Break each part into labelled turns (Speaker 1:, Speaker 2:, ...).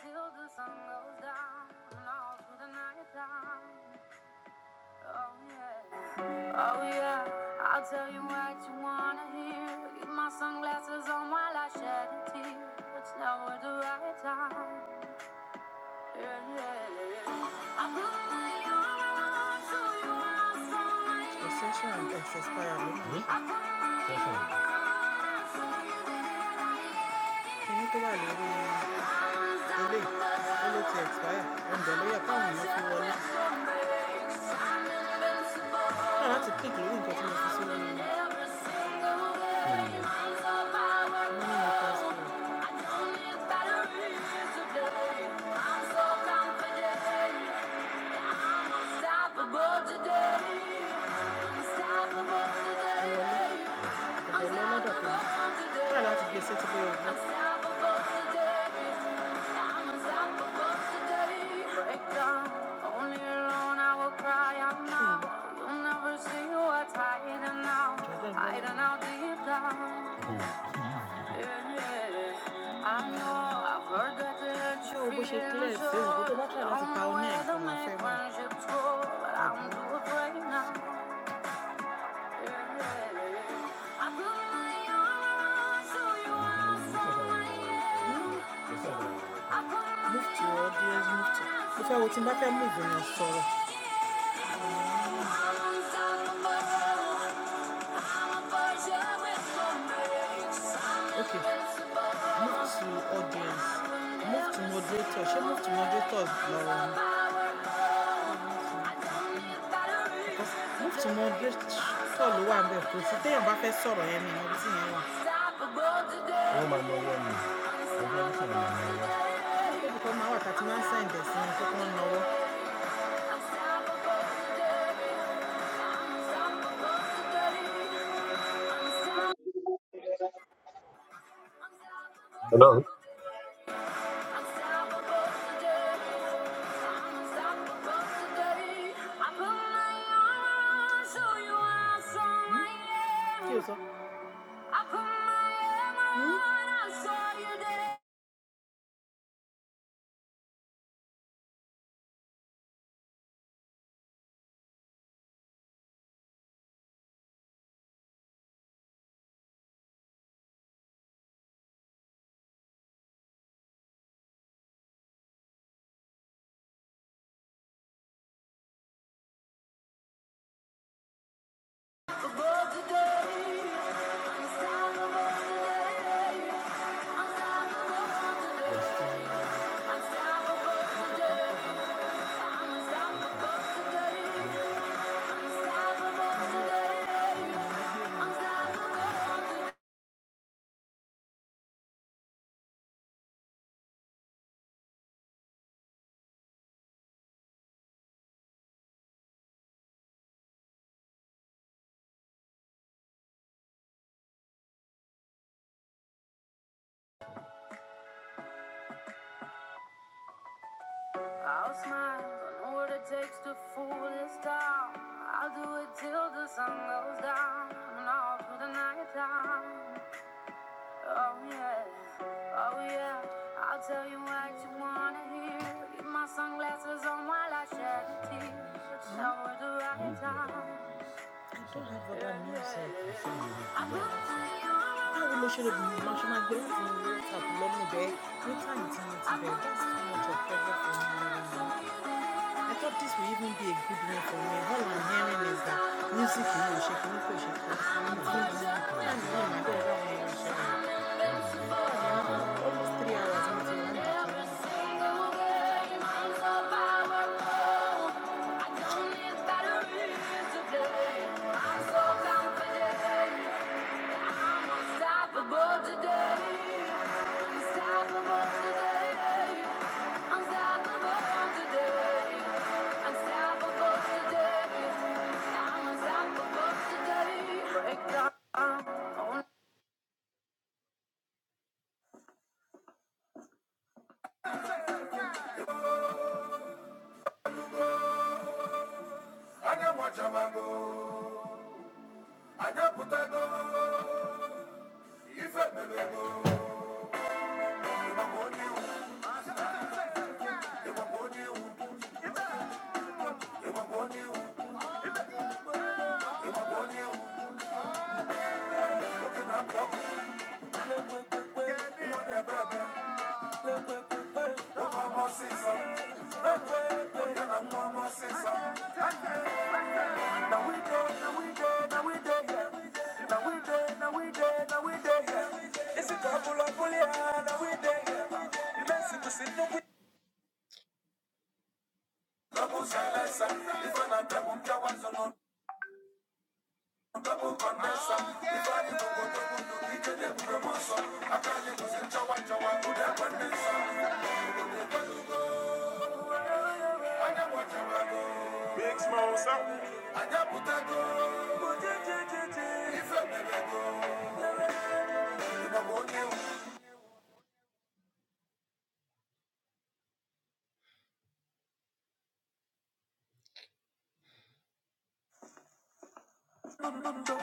Speaker 1: Till the sun goes down and all through the night time. Oh yeah. Oh yeah. I'll tell you what you wanna hear. Keep my sunglasses on while I shed a tear. It's never the right time. Yeah, yeah. I put my arms around The Hmm? Session. want. No, did Today, unstoppable today. Unstoppable today. I'm unstoppable today. Break Only alone I will cry out now. You'll never see what's hiding out. Hiding out deep down. Yeah, yeah. I know I've heard that the changed your school, but I'm too afraid now. I
Speaker 2: Hello.
Speaker 1: Hmm? I'll smile, I know what it takes to fool this town. I'll do it till the sun goes down and all through the night time. Oh yeah, oh yeah. I'll tell you what you wanna hear. Keep my sunglasses on while I shed a tear. It's always the right time. I will tell you. I'm I'm I'm go. Anya wachamango, anya putago, ife go. Double silence, if I'm not double, I was alone. Big small something. I got put a go. If I never go, you know, go, you. Thank you.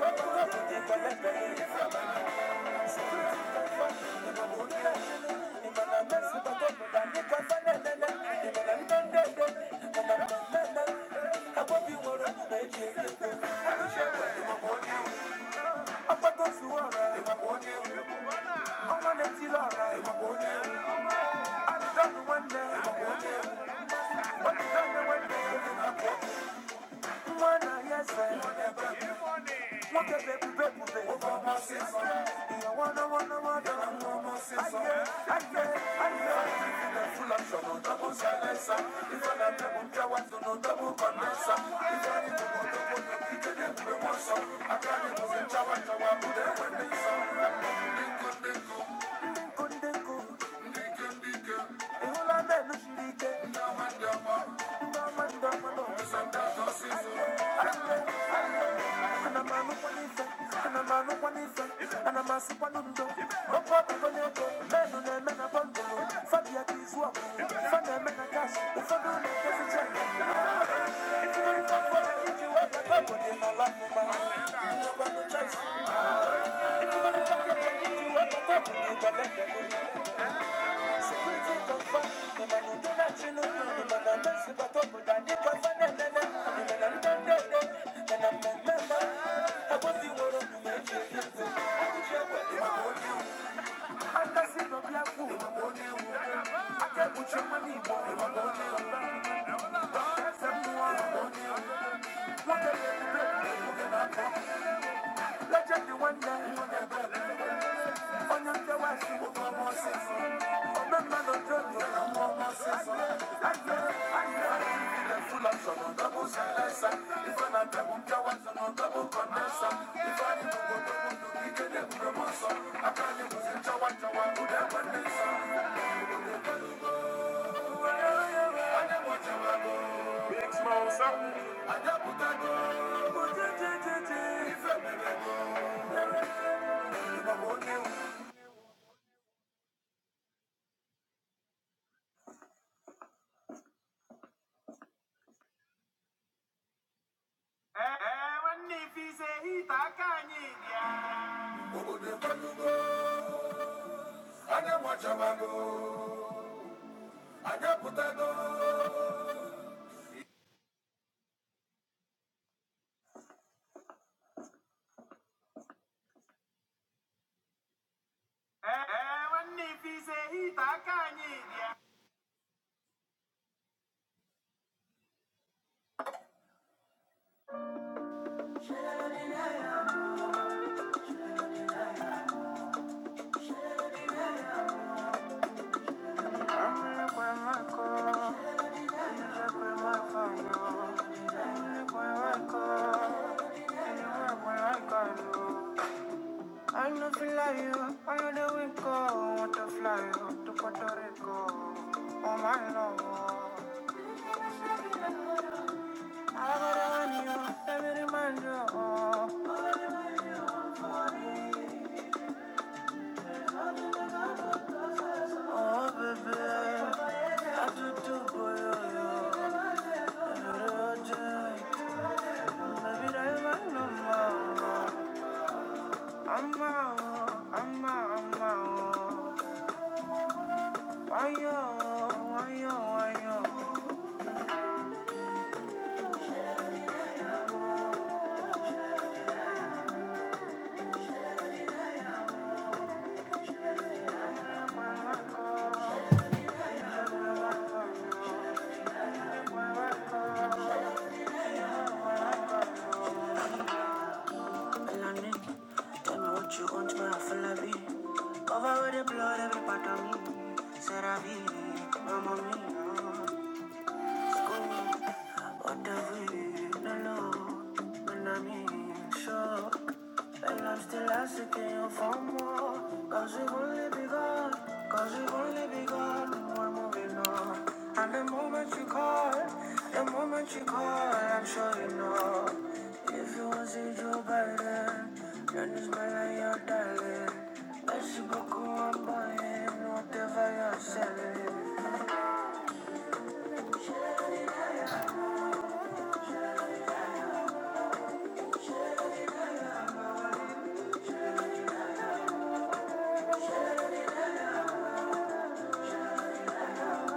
Speaker 1: want to Thank you. Mwana yese, wakebebe bebe. Iya wana wana wana. Aye, aye, aye. Full of trouble, double silencer. If I let them, I'm to no double I jawa, jawa, put it no. no Thank you. Thank you. Thank you. I no feel like you, I know the wind go, want to fly you to Puerto Rico, oh my love. I got a honey, let me remind you, oh. I gotta remind you, Oh baby, I do do for you, you Maybe that my number. I'm out, I'm out, I'm out. Why you, why you, why you? Melanin, tell me what you want, but I feel like Cover with the blood, every part of me. C'est la vie, mamma mia. But the way no love, when I mean sure. And I'm still asking you for more. Cause we've only begun, cause we've only begun. and We're moving on. And the moment you call, the moment you call, I'm sure you know. If you was it, you burden. Then it's my line, your darling. Merci beaucoup, I'm buying whatever you're selling. I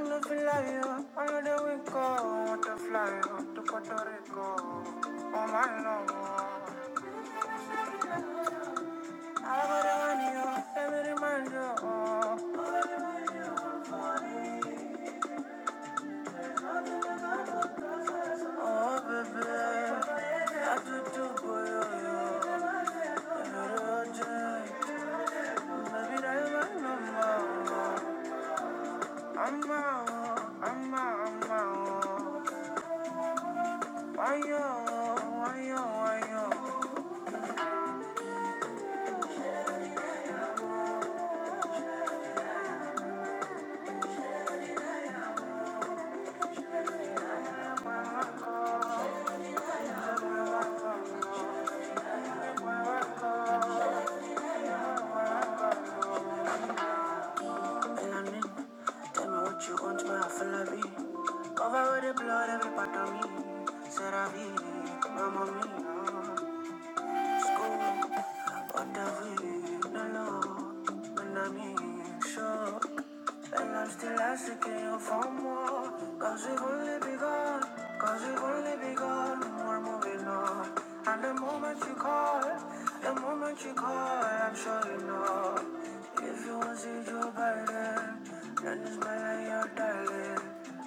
Speaker 1: know fly you, I know the we go, want to fly you to Puerto Rico, oh my lord. I got the money, every man, oh, let me remind you, oh. Oh baby, I do do for you. Baby, I'm out, I'm out, I'm out. Why yo, why yo, why yo? tell me what you want, my afalabi. Cover with the blood, every part of me. Serabi, mama mia. But the real when I'm in shock, and I'm still asking for more. we only begun, we only begun, we're moving on. And the moment you call, the moment you call, I'm sure you If you want to see your then it's my line, your darling.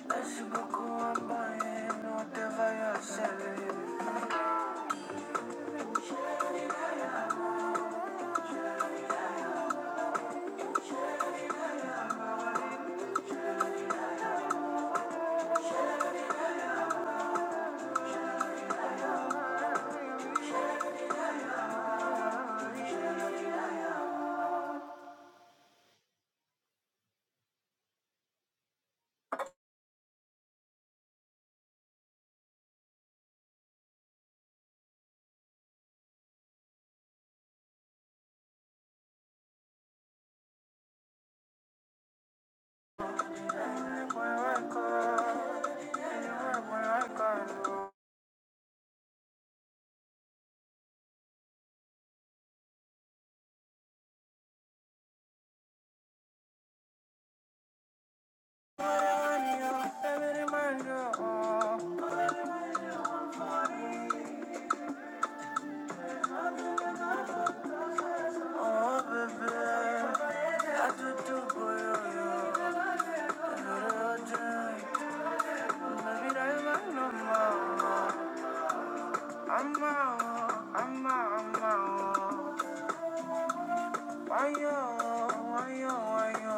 Speaker 1: Merci beaucoup, I'm buying whatever you're selling. Why yo, why yo, why yo,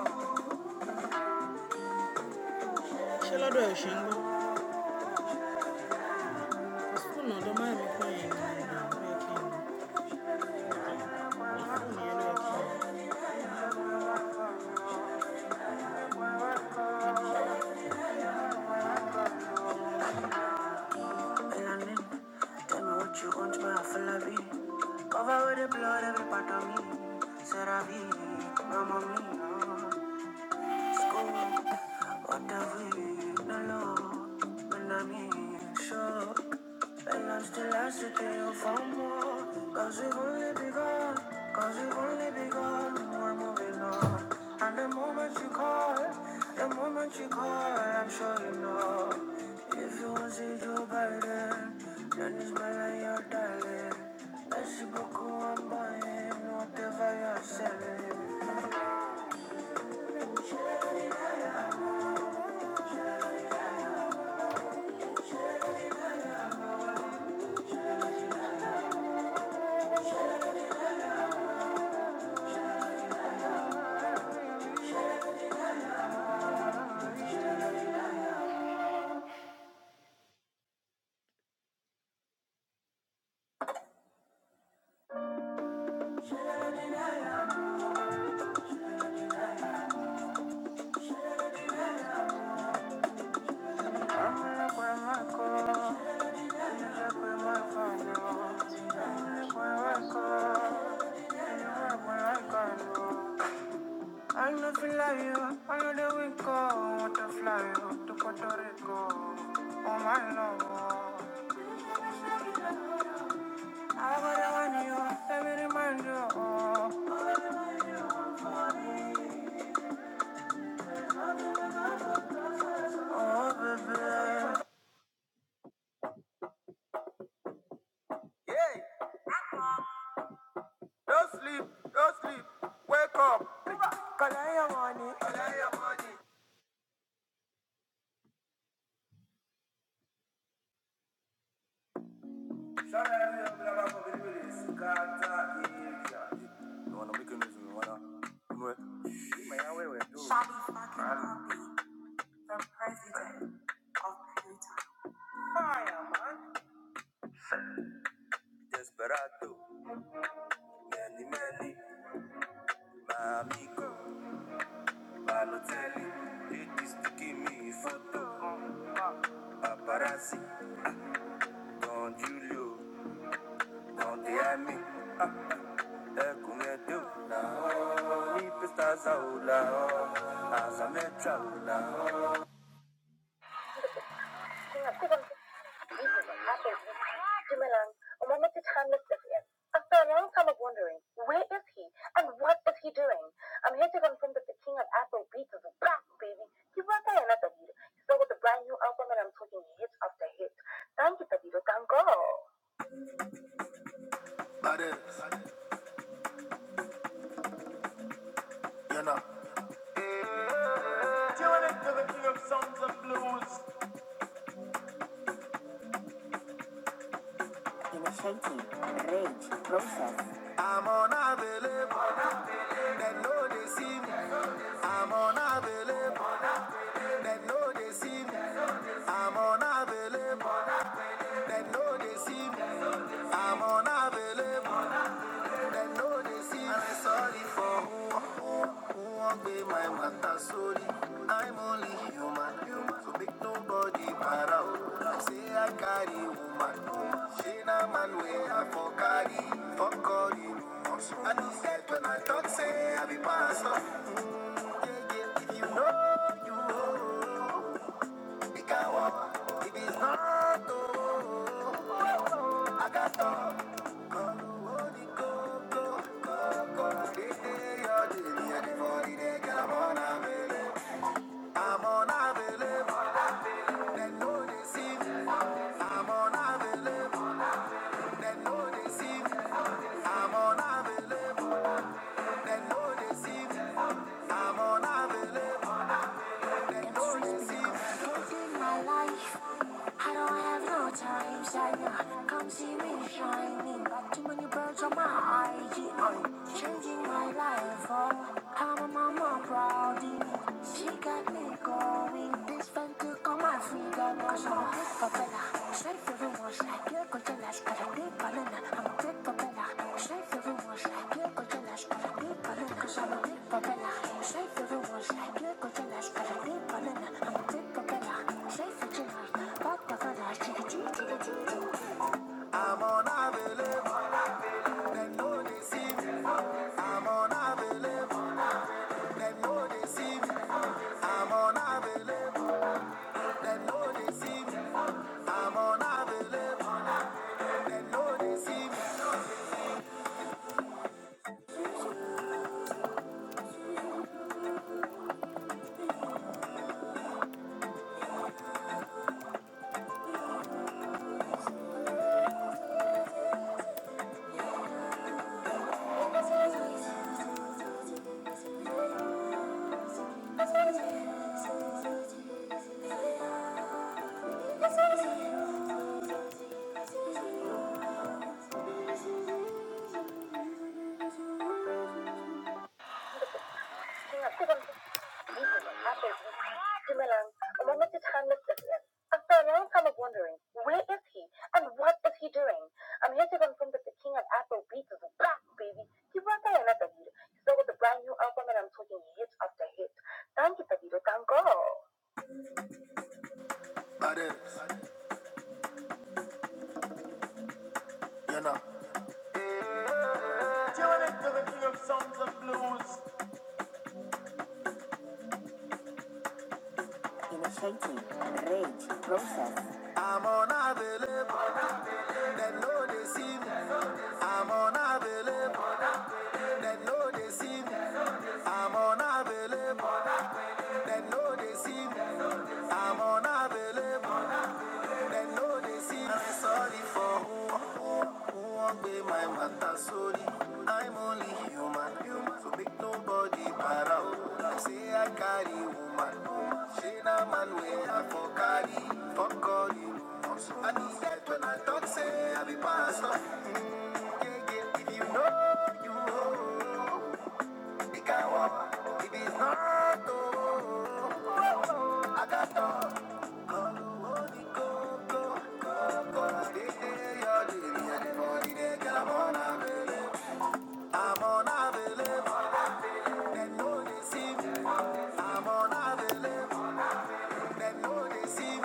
Speaker 1: why yo, Melanin, tell me what you want, my Falabi. Cover with the blood, every part of me. Seravi, mama mia. And I'm still asking for more because only begun Cause only begun We're moving And the moment you call The moment you call I'm sure you know If you want to do Biden Then it's my line, darling Merci beaucoup, I'm buying Whatever you're selling I know feel like you, I know that we go, want to fly you to Puerto Rico, oh my love. I got the one you, let me remind you, oh. what you want for me. Oh, Don't sleep, don't sleep. Wake up. Collect your money. Collect your money. Shabby the president of Ohio. Desperado, many, many, amigo, Balotelli. It is to give me photo, paparazzi, Don Julio, Don Diami. Kungedu lao, nipista zao lao, azame chao lao. moment to time this After a long time of wondering, where is he and what is he doing? I'm here to confirm that the king of Afrobeat is back, baby. He was there another leader. He's back with a brand new album and I'm talking hit after hit. Thank you, Tadido. Thank God. Badass, you know. Doing it to the king of songs and blues. I'm unavailable, they know they see me. I'm unavailable, they know they see me. I'm unavailable, they know they see me. I'm unavailable. Dem no dey see I sorry for who who won't be my matter sorry. I'm only human, human. So make nobody para Say I carry woman, she na man wey I for carry for carry. I no get when I talk say I be pastor. Yeah, yeah, if you know you know, it can work. If it's not, oh, I got to go. I'm on a available. In my life, I don't have no time, Come see me shining. too many birds on my IG. changing my life. Oh, I'm a mama proudie. She got me going. This fent took all my freedom. I'm unavailable, they know they see me. I'm unavailable, they know they see me. I'm unavailable, they know they see me. I'm unavailable, they know they see me. Sina, sigan dito sa Ashes. si After a long time of wondering, where is he and what is he doing? I'm here to confirm that the king of Afro beats is back, baby. He brought out another lead. He's out with a brand new album and I'm talking hit after hit. Thank you, Tavido. Thank God. That is, you know. on a level, they know they see me. I'm unavailable, they know they see me. I'm unavailable, they know they see me. I'm unavailable, they know they see me. I'm sorry for who, who, who won't be my matter, sorry. I'm only human, human, so make nobody para. Say I carry woman, she na man where I for carry, for calling. I need that when I talk, say I be pastor. Mm, yeah, yeah, if you know, you know. I'm on available, then no they see I'm on available, then no they see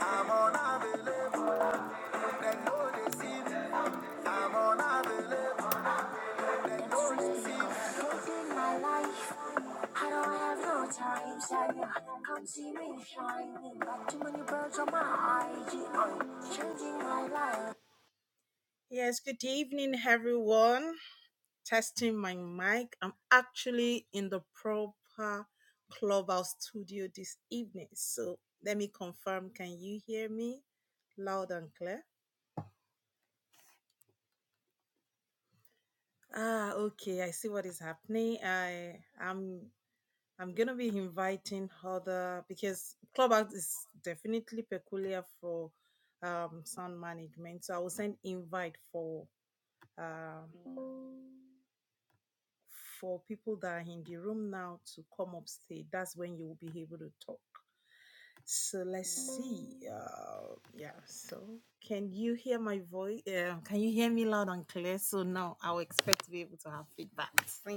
Speaker 1: I'm on available, then no they see I'm on available, then no they see me. my life, I don't have no time, say Come see me shining, got too many birds on my IG, am changing my life.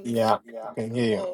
Speaker 3: Yeah,
Speaker 1: Yeah.
Speaker 3: I can hear you.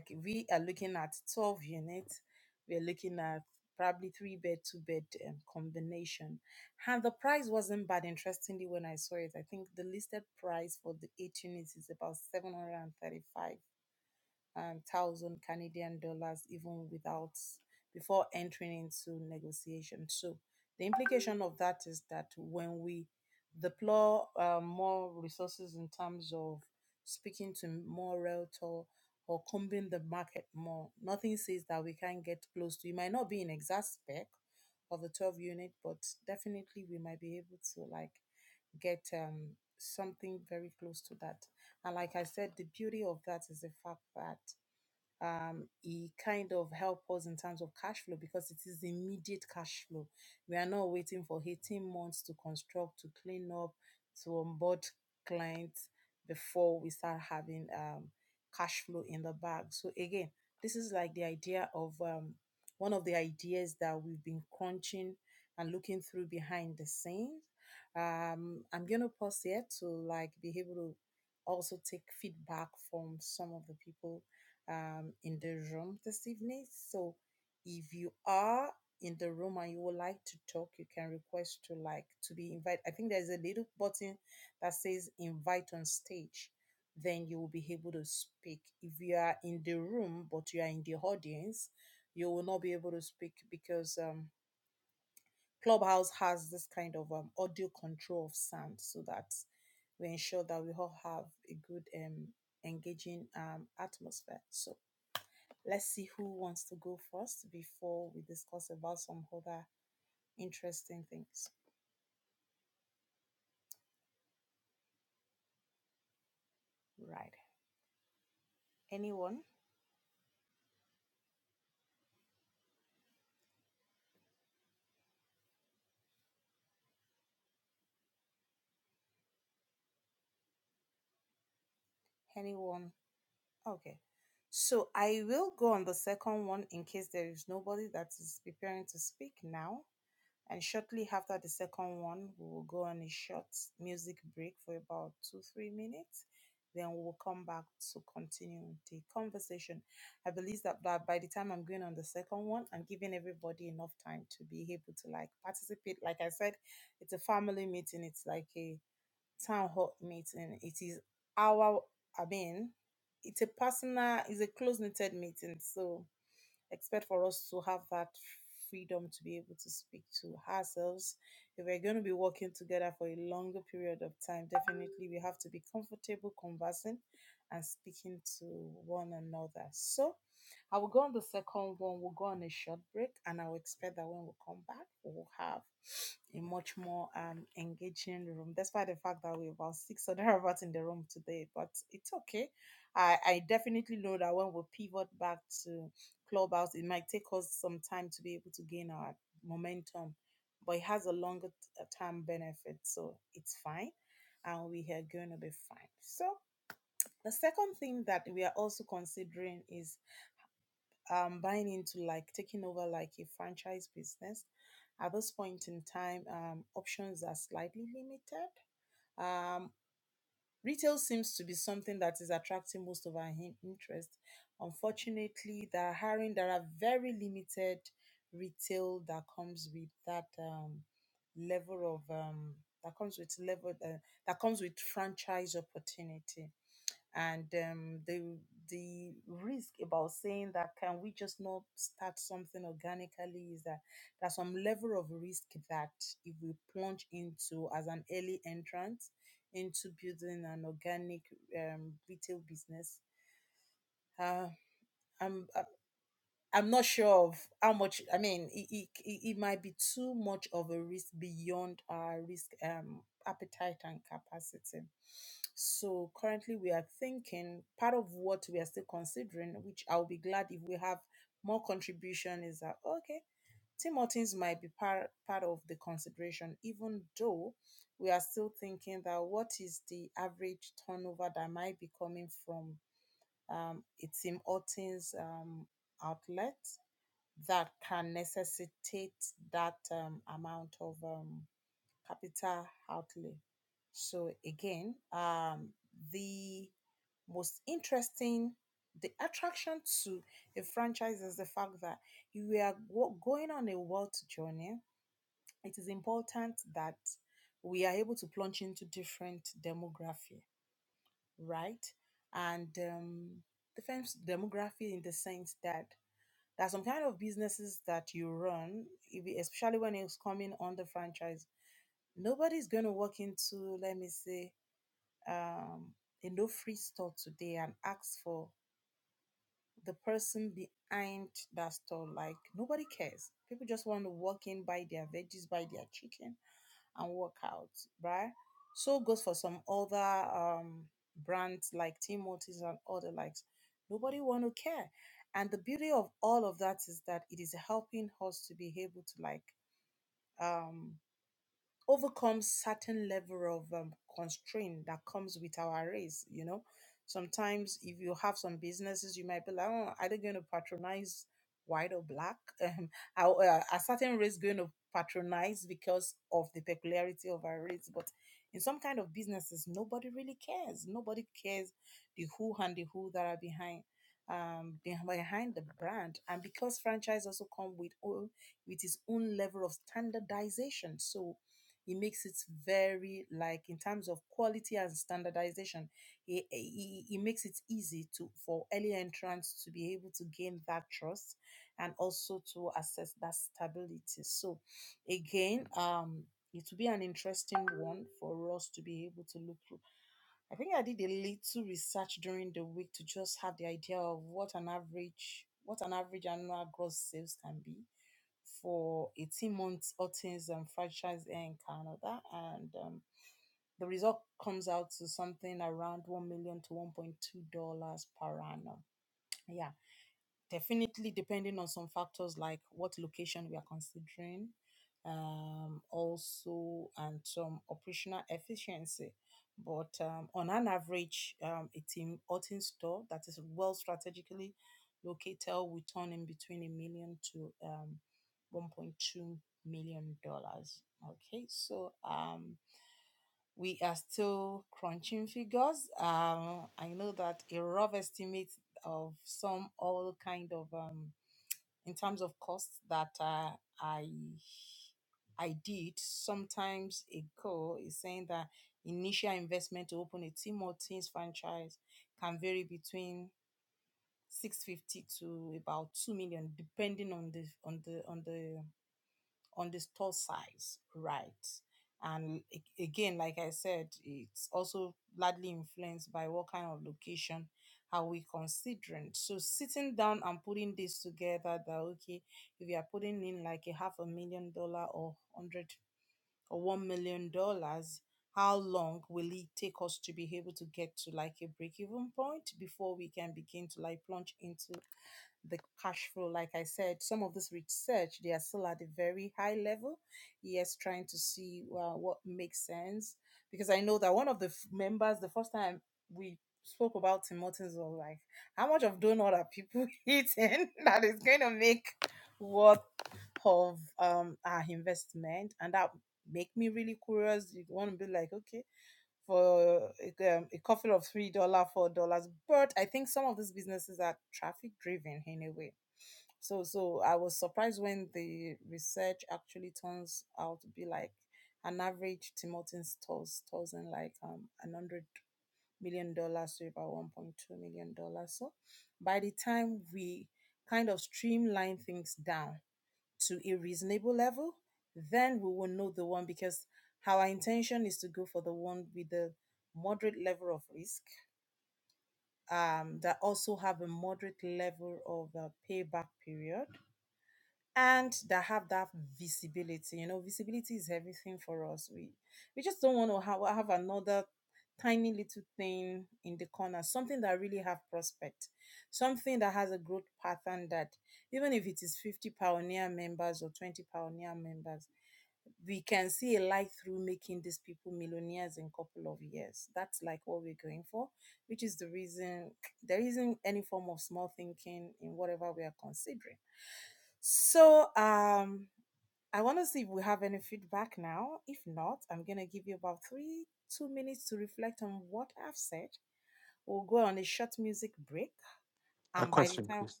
Speaker 3: A question, please.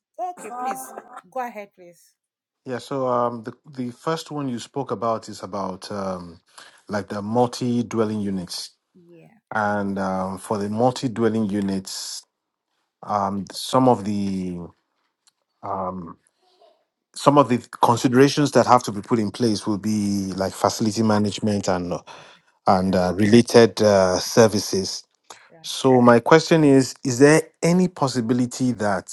Speaker 3: Yeah, so um, the the first one you spoke about is about um, like the multi-dwelling units, and um, for the multi-dwelling units, um, some of the um, some of the considerations that have to be put in place will be like facility management and and uh, related uh, services. So my question is: Is there any possibility that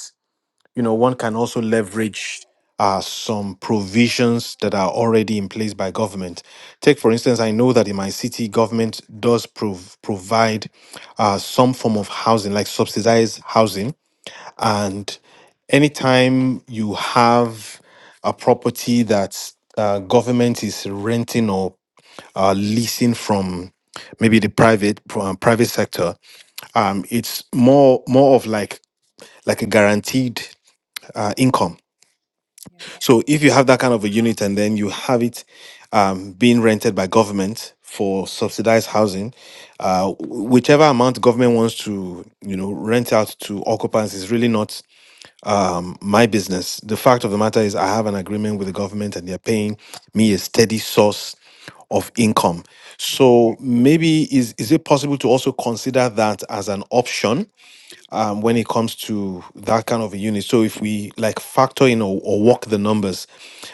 Speaker 3: you know, one can also leverage uh, some provisions that are already in place by government. Take, for instance, I know that in my city, government does prov- provide uh, some form of housing, like subsidized housing. And anytime you have a property that uh, government is renting or uh, leasing from maybe the private uh, private sector, um, it's more more of like like a guaranteed uh, income so if you have that kind of a unit and then you have it um, being rented by government for subsidized housing, uh, whichever amount government wants to, you know, rent out to occupants is really not um, my business. The fact of the matter is, I have an agreement with the government, and they're paying me a steady source of income. So maybe is is it possible to also consider that as an option? um, when it comes to that kind of a unit. So if we like factor in or, or work the numbers,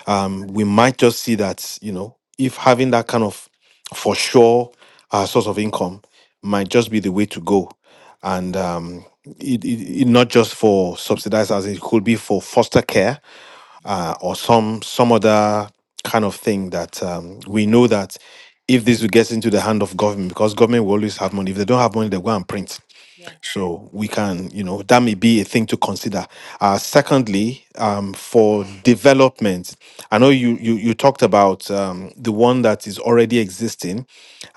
Speaker 3: um, we might just see that you know if having that kind of for sure uh, source of income might just be the way to go, and um, it, it, it not just for subsidized housing, it could be for foster care uh, or some some other kind of thing that um, we know that if this gets into the hand of government, because government will always have money. If they don't have money, they go and print so we can, you know, that may be a thing to consider. Uh, secondly, um, for development, I know you you you talked about um, the one that is already existing,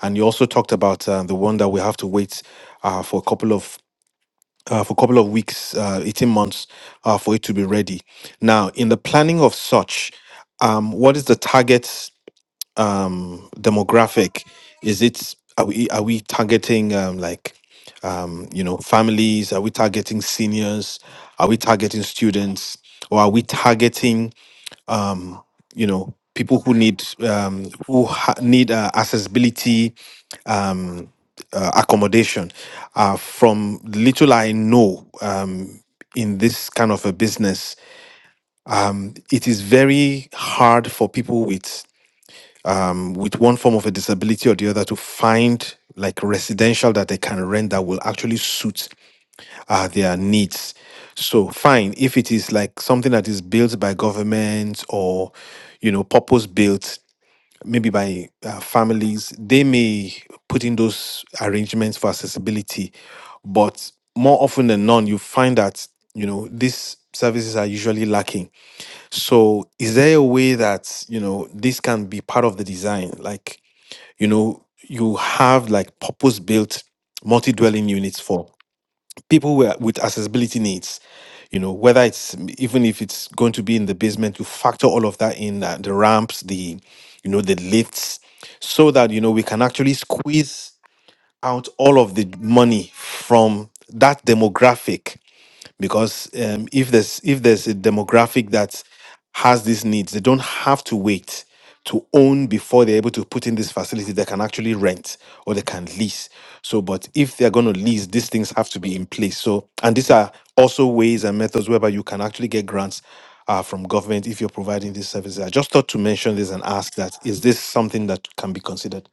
Speaker 3: and you also talked about uh, the one that we have to wait uh, for a couple of uh, for a couple of weeks, uh, eighteen months, uh, for it to be ready. Now, in the planning of such, um, what is the target? um demographic is it are we are we targeting um like um you know families are we targeting seniors are we targeting students or are we targeting um you know people who need um who ha- need uh, accessibility uh, accommodation uh from little i know um in this kind of a business it is very hard for people with with one form of a disability or the other to find like residential that they can rent that will actually suit uh, their needs. So fine, if it is like something that is built by government or you know purpose built, maybe by uh, families, they may put in those arrangements for accessibility. But more often than not, you find that you know these services are usually lacking. So is there a way that you know this can be part of the design, like? you know you have like purpose built multi-dwelling units for people who are- with accessibility needs you know whether it's even if it's going to be in the basement you factor all of that in uh, the ramps the you know the lifts so that you know we can actually squeeze out all of the money from that demographic because um, if there's if there's a demographic that has these needs, they don't have to wait to own before they're able to put in this facility. They can actually rent or they can lease. So, but if they're going to lease, these things have to be in place. So, and these are also ways and methods whereby you can actually get grants. Uh, from government if you're providing these services i just thought to mention this and ask that is this something that can be considered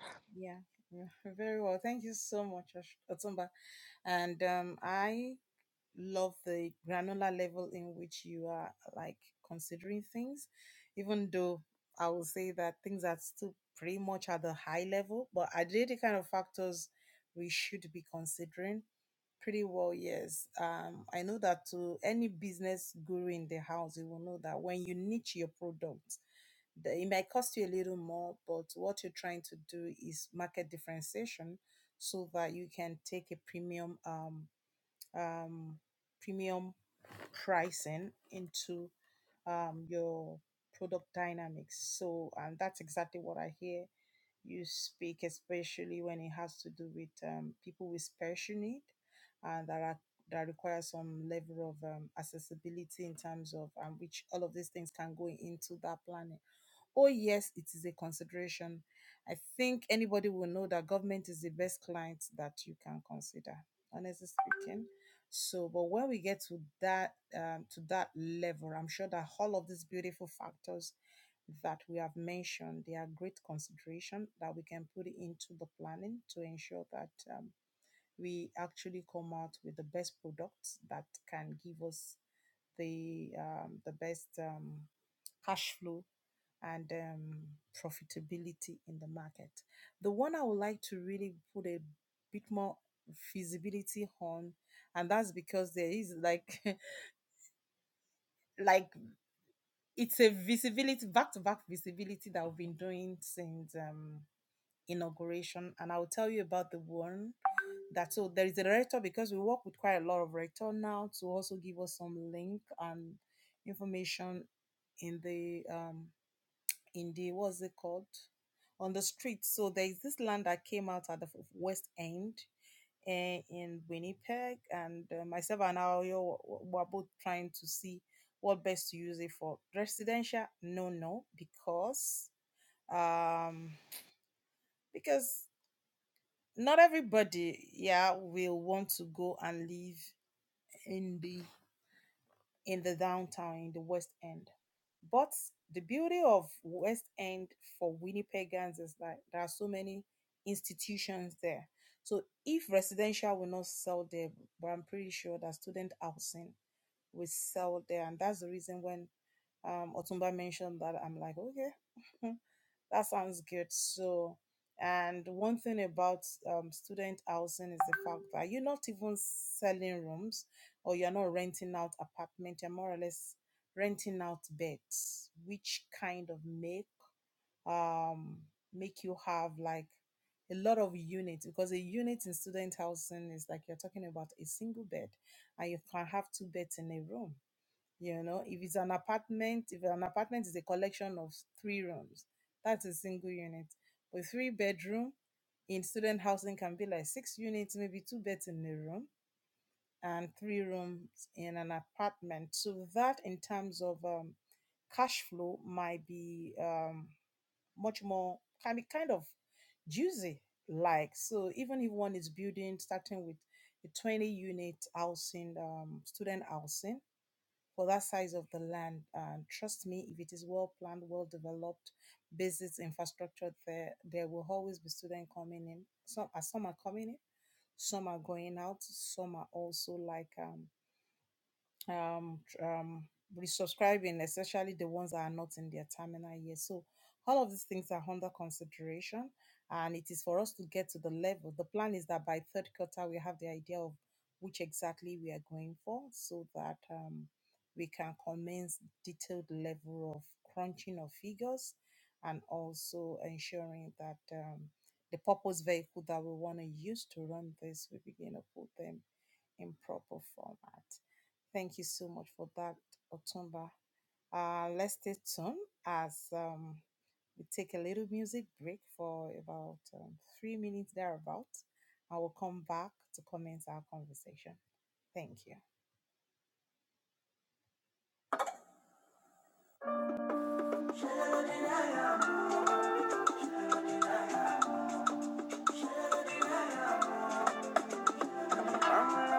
Speaker 1: I know feel like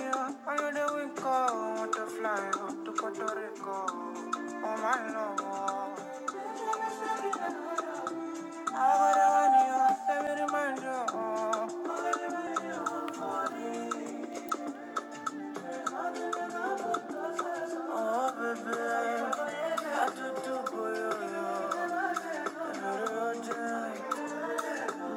Speaker 1: you, I know that we go, want to fly you to Puerto Rico, oh my love. I got a one you, let me remind you, oh baby, I do do for you, you, Melanin, tell me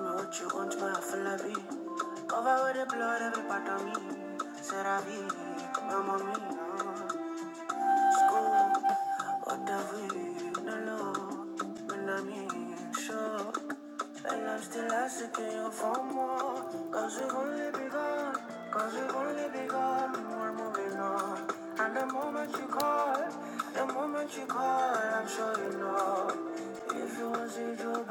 Speaker 1: what you want, my flavi. Cover with the blood, every part of me. Seravi, my mommy. go. And I'm still asking you for more. Cause only begun. Cause we've only begun. We're moving on. And the moment you call, the moment you call, I'm sure you know. If you want to see Joe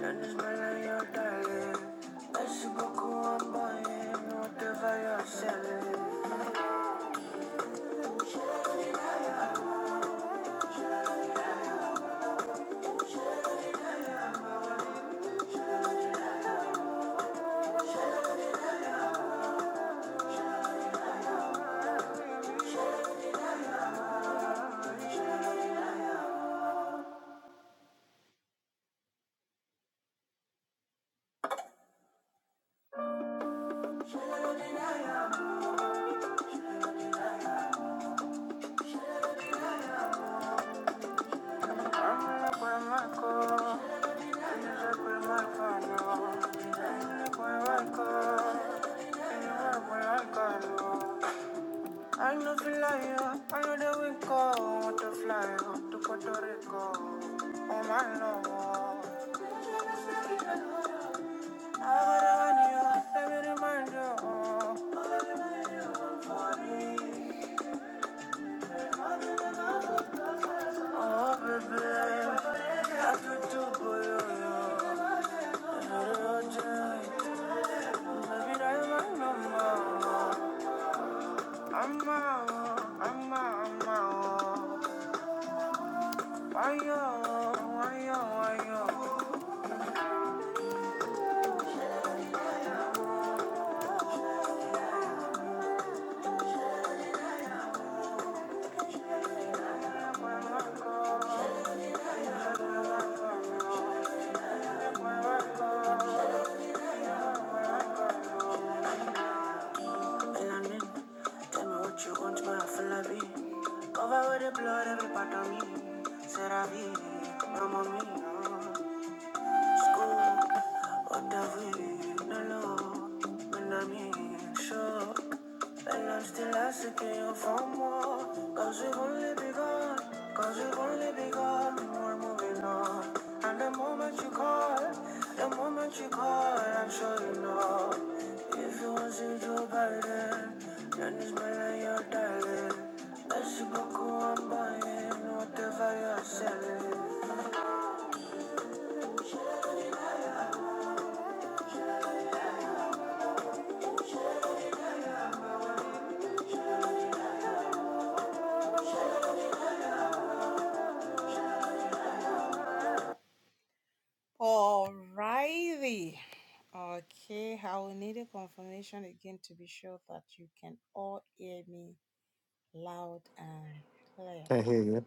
Speaker 1: then it's my your darling. Merci beaucoup, I'm buying whatever you're I'm gonna my car. I no fly yo, I know that we go want to fly yo, to Puerto Rico. Oh my lord, I got a honey yo, let me remind you. Oh baby, I feel too good you yo. I'm not a legend, baby that's my number. அம்மா அம்மா அம்மா ஐயோ ஐயோ ஐயோ Melanin, tell me what you want, but I feel like me. Cover with the blood, every part of me. C'est la vie, no mommy, no. And you only begun. Cause only begun. We're moving on. And the moment you call, the moment you call, I'm sure you know. If you want to do better, then it's my line, your darling. Merci beaucoup, I'm buying whatever you're selling.
Speaker 3: I hear you.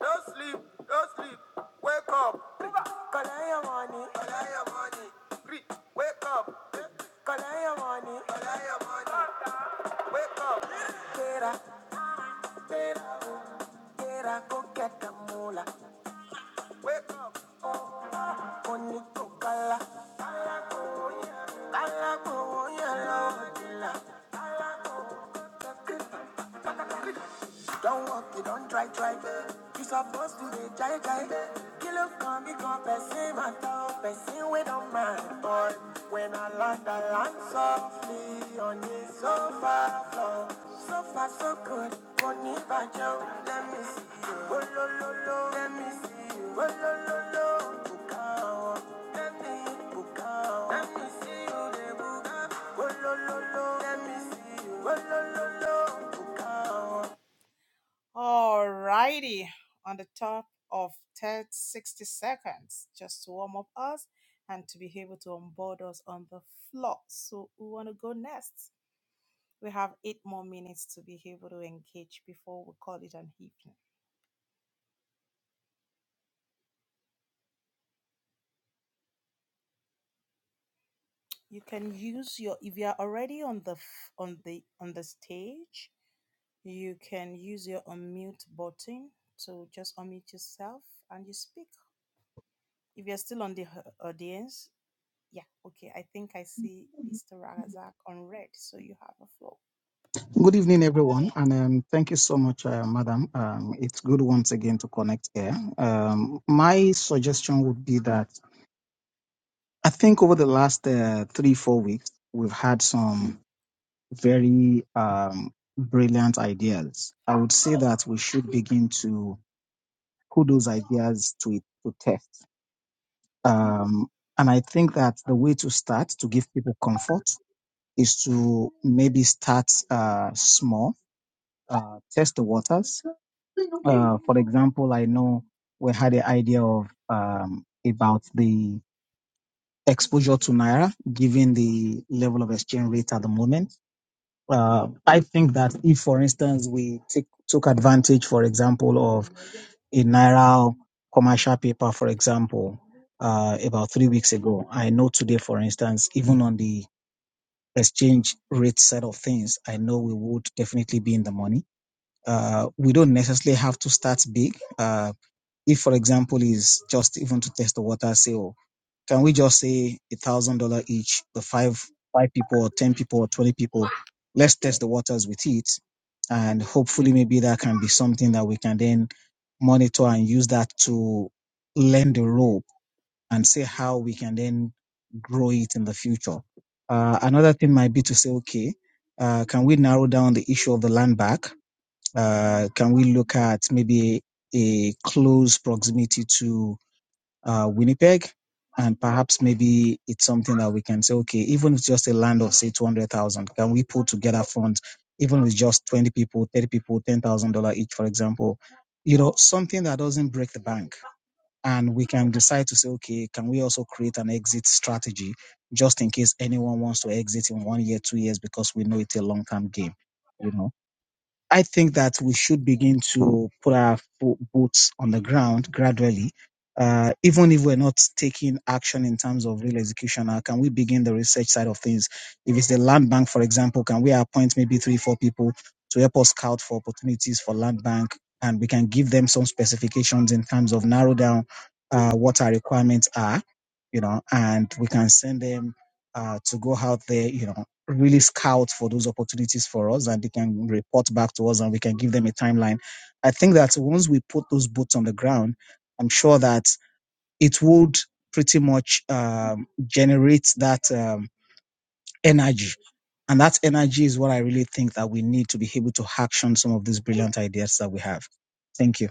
Speaker 1: Don't sleep, don't sleep. Wake up. Kalaya money. Kalaya money. Wake up. Kalaya money. Kalaya money. Wake up. Get up. Get up. Get Wake up. Oh, to kala. Kala ko Kala ko ya Kala ko. Don't walk it, don't try, try. You supposed to be jai jai. You look on me, come person, my top, person with a man, boy. When I land, I land softly on the sofa floor. So so far, so good. Money by Joe, let me see you. Oh, lo, lo, lo, let me see you. Oh, lo, lo, lo. Book let me book Let me see you, they book out. Oh, lo, lo, lo, let me see you. Oh, lo, lo, lo. Book
Speaker 4: Good evening, everyone, and um, thank you so much, uh, Madam. Um, it's good once again to connect here. Um, my suggestion would be that I think over the last uh, three, four weeks, we've had some very um, brilliant ideas. I would say that we should begin to put those ideas to it to test. Um, and I think that the way to start to give people comfort is to maybe start uh, small, uh, test the waters Uh, for example, I know we had the idea of um, about the exposure to naira, given the level of exchange rate at the moment. Uh, I think that if, for instance, we take, took advantage, for example, of a naira commercial paper, for example, uh, about three weeks ago, I know today, for instance, even on the exchange rate side of things, I know we would definitely be in the money. Uh, we don't necessarily have to start big. Uh, if for example is just even to test the water say, oh, can we just say a thousand dollar each the five five people or ten people or 20 people let's test the waters with it and hopefully maybe that can be something that we can then monitor and use that to lend the rope and see how we can then grow it in the future uh, another thing might be to say okay uh, can we narrow down the issue of the land back uh, can we look at maybe a close proximity to uh, Winnipeg, and perhaps maybe it's something that we can say, okay, even if it's just a land of say two hundred thousand, can we put together funds, even with just twenty people, thirty people, ten thousand dollar each, for example, you know, something that doesn't break the bank, and we can decide to say, okay, can we also create an exit strategy just in case anyone wants to exit in one year, two years, because we know it's a long term game. you know. I think that we should begin to put our fo- boots on the ground gradually. Uh, even if we're not taking action in terms of real execution, how can we begin the research side of things? If it's the land bank, for example, can we appoint maybe three, four people to help us scout for opportunities for land bank? And we can give them some specifications in terms of narrow down uh, what our requirements are you know, and we can send them uh, to go out there, you know, really scout for those opportunities for us and they can report back to us and we can give them a timeline. I think that once we put those boots on the ground, I'm sure that it would pretty much um, generate that um, energy. And that energy is what I really think that we need to be able to action some of these brilliant ideas that we have. Thank you.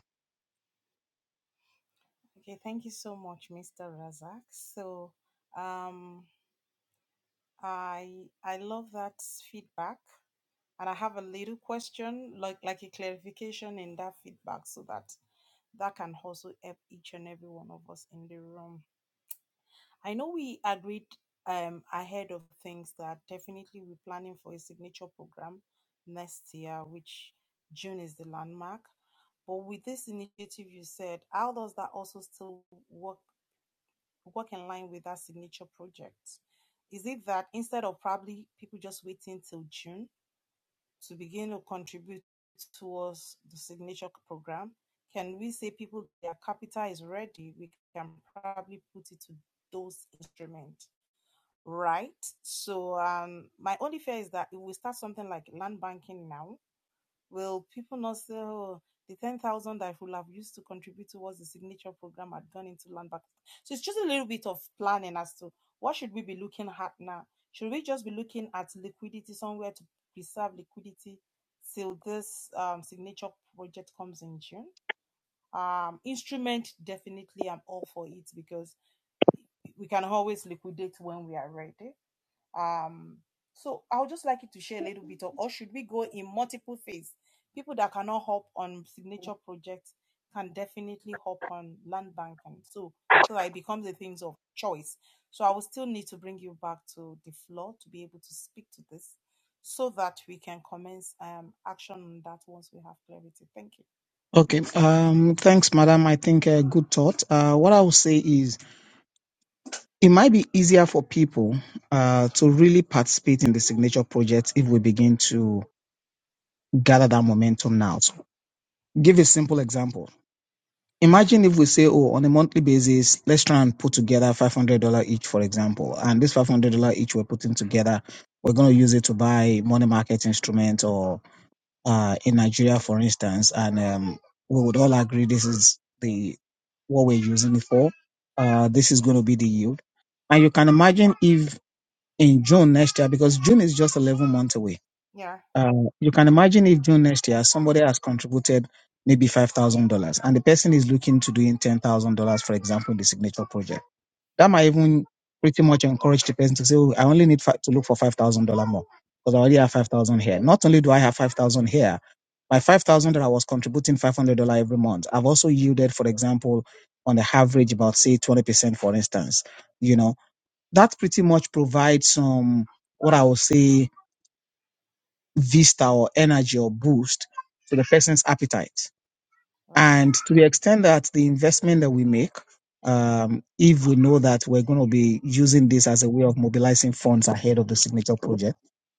Speaker 4: Okay. Um, thanks, madam. I think a good thought. Uh, what I will say is, It might be easier for people uh, to really participate in the signature project if we begin to gather that momentum now. So give a simple example. Imagine if we say, oh, on a monthly basis, let's try and put together $500 each, for example. And this $500 each we're putting together, we're going to use it to buy money market instrument or uh, in Nigeria, for instance. And um, we would all agree this is the what we're using it for. Uh, this is going to be the yield. And you can imagine if in June next year because June is just 11 months away. Uh, you can imagine if June next year somebody has contributed maybe $5,000 and the person is looking to doing $10,000, for example, in the signature project. That might even pretty much encourage the person to say, oh, I only need fi- to look for $5,000 more because I already have 5000 here. Not only do I have 5000 here, my 5000 that I was contributing $500 every month, I've also yielded, for example, on the average about say 20%, for instance, you know, that pretty much provides some what I would say vista or energy or boost to the person's appetite. And to the extent that the investment that we make, um, if we know that we're going to be using this as a way of mobilizing funds ahead of the signature project,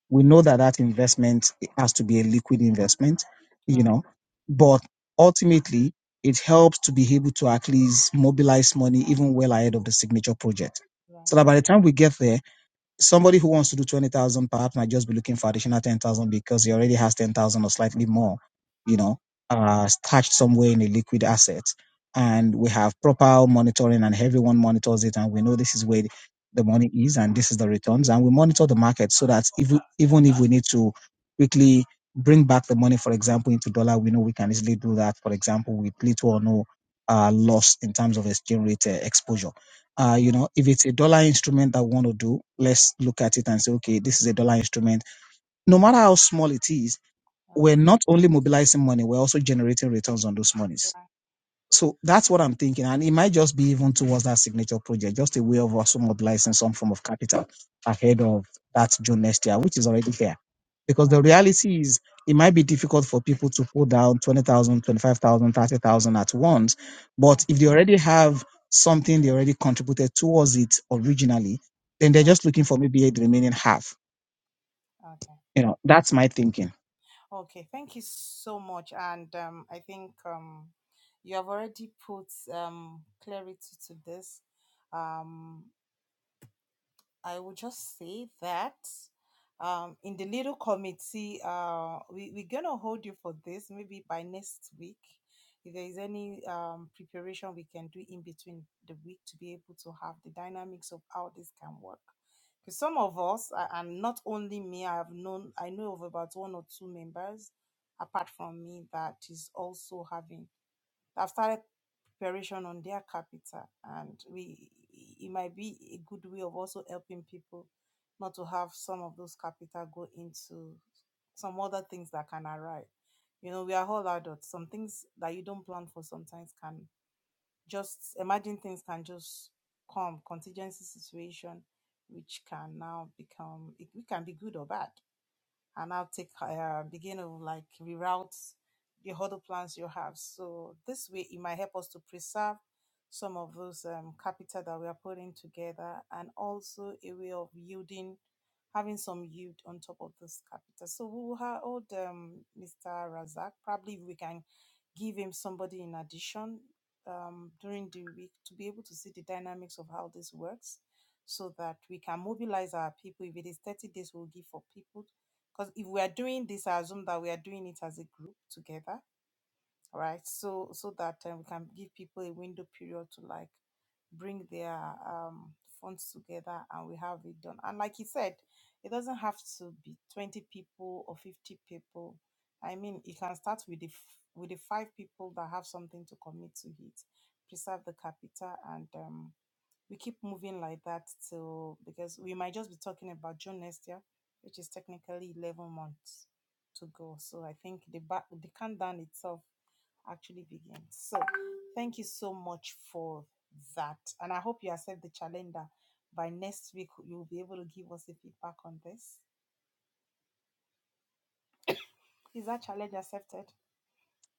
Speaker 4: we know that that investment has to be a liquid investment, you know, but ultimately it helps to be able to at least mobilize money even well ahead of the signature project. So that by the time we get there, somebody who wants to do 20,000 perhaps might just be looking for additional 10,000 because he already has 10,000 or slightly more, you know, uh, stashed somewhere in a liquid asset. And we have proper monitoring and everyone monitors it. And we know this is where the money is and this is the returns. And we monitor the market so that if we, even if we need to quickly bring back the money, for example, into dollar, we know we can easily do that. For example, with little or no uh, loss in terms of exchange rate uh, exposure uh, you know, if it's a dollar instrument that we want to do, let's look at it and say, okay, this is a dollar instrument. No matter how small it is, we're not only mobilizing money, we're also generating returns on those monies. So that's what I'm thinking. And it might just be even towards that signature project, just a way of also mobilizing some form of capital ahead of that June next year, which is already here because the reality is it might be difficult for people to pull down 20,000, 25,000, 30,000 at once. But if they already have something they already contributed towards it originally, then they're just looking for maybe the remaining half. You know, that's my thinking.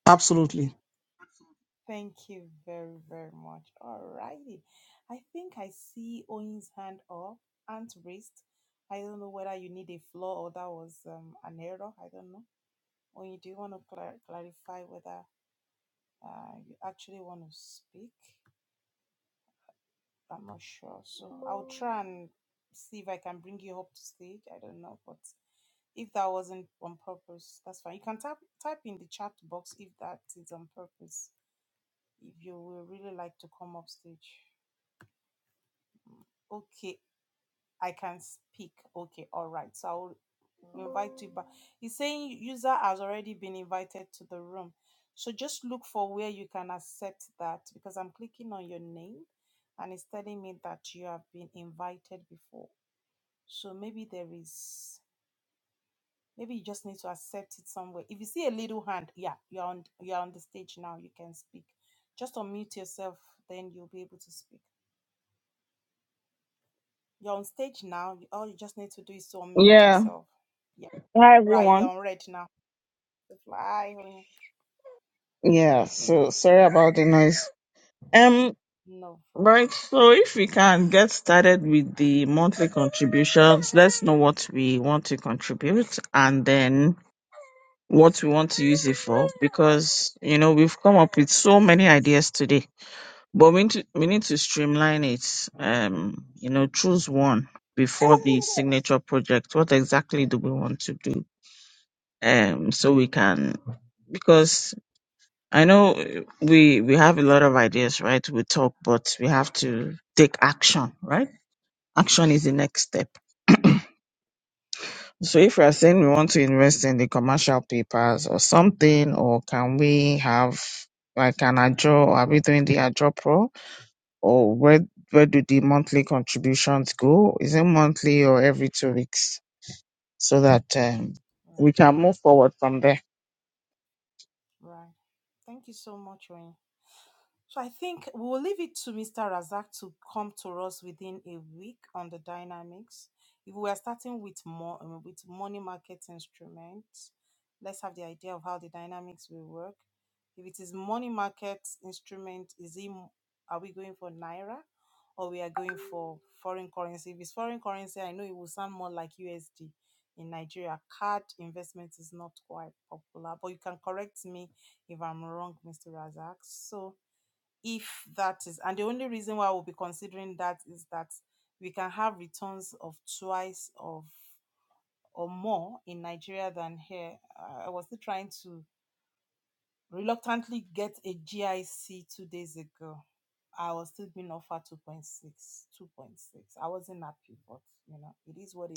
Speaker 4: Absolutely.
Speaker 5: Yeah. Hi everyone. Yeah, so sorry about the noise. Um right, so if we can get started with the monthly contributions, let's know what we want to contribute and then what we want to use it for because you know we've come up with so many ideas today. But we need to, we need to streamline it. Um, you know, choose one before the signature project. What exactly do we want to do? Um, so we can because I know uh, we we have a lot of ideas, right? We talk, but we have to take action, right? Action is the next step. So if we are saying we want to invest in the commercial papers or something, or can we have like an AJO? Are we doing the AJO Pro? Or where where do the monthly contributions go? Is it monthly or every two weeks? So that um, we can move forward from there.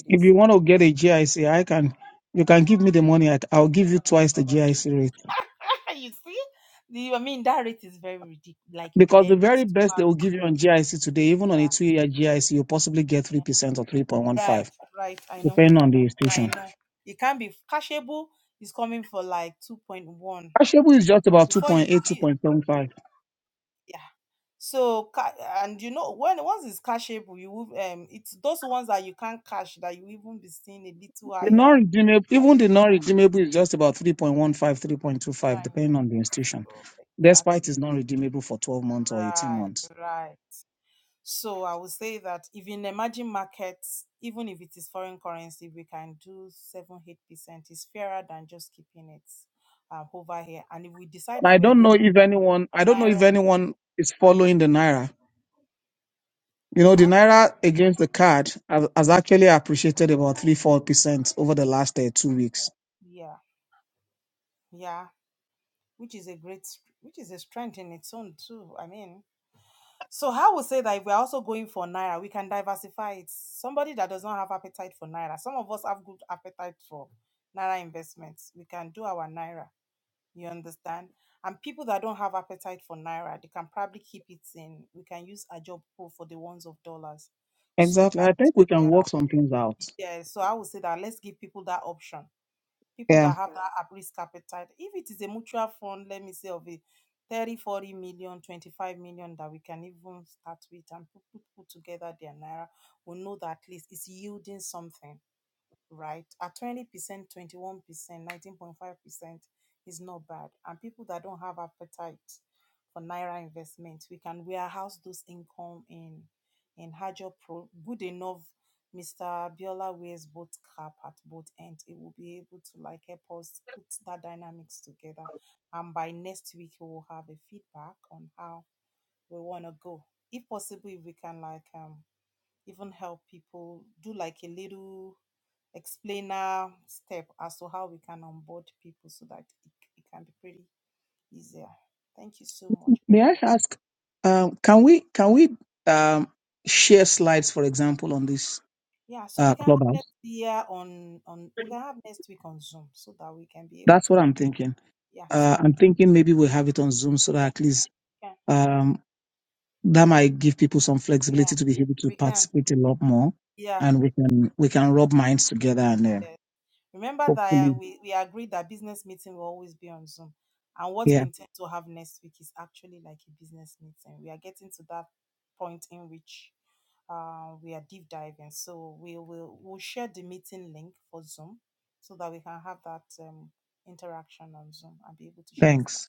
Speaker 4: If you want to get a GIC, I C, I can. You can give me the money. I- I'll give you twice the GIC rate because the very best they will give you on GIC today, even on a two-year GIC, you possibly get three percent or three point one five, depending on the institution. Cashable is just about 2.8, 2.75. The non-redeemable, even the non-redeemable is just about 3.15, 3.25, depending on the institution. Despite it's non-redeemable for 12 months or 18 months. Now, I don't know if anyone, I don't know if anyone is following the Naira. You know, the Naira against the card has, has actually appreciated about 3-4% over the last uh, two weeks. Exactly. I think we can work some things out. Yeah. May I ask, um, can we can we um, share slides, for example, on this uh, clubhouse? That's what I'm thinking. Uh, I'm thinking maybe we'll have it on Zoom so that at least um, that might give people some flexibility to be able to participate a lot more and we can we can rub minds together and uh, hopefully yeah thanks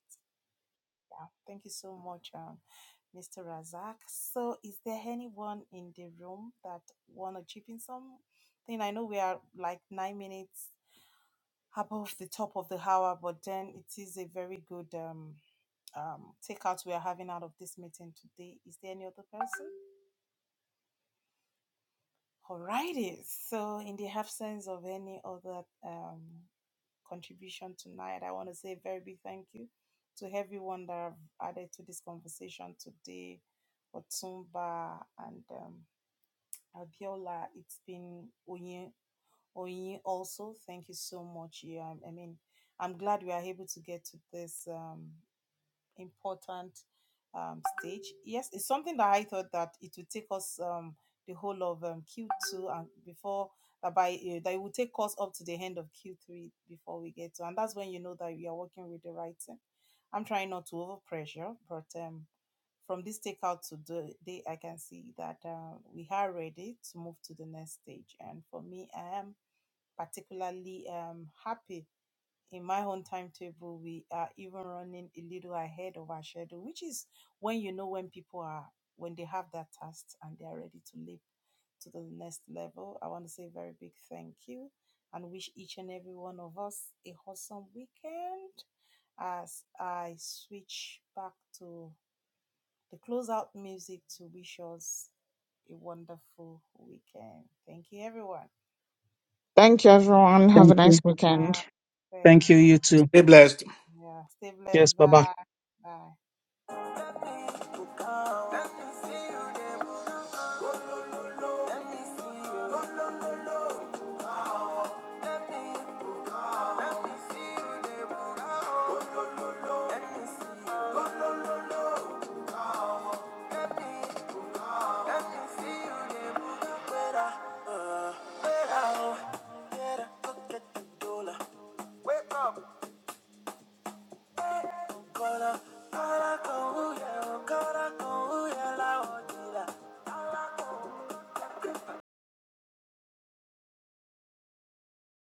Speaker 5: Thank you, everyone. Have a
Speaker 4: thank
Speaker 5: nice
Speaker 4: you
Speaker 5: weekend.
Speaker 4: thank you you too cheers bye bye
Speaker 1: Let me come. Let me see you there. Go lo lo lo. Let me see you. Go lo Let me come. Let me see you there. Go lo lo lo. Let me see you. Go lo Let me come. Let me see you there. Where I, uh, where I, oh. Get a look Wake up. Cora, cora con huye, cora con huye la bollida.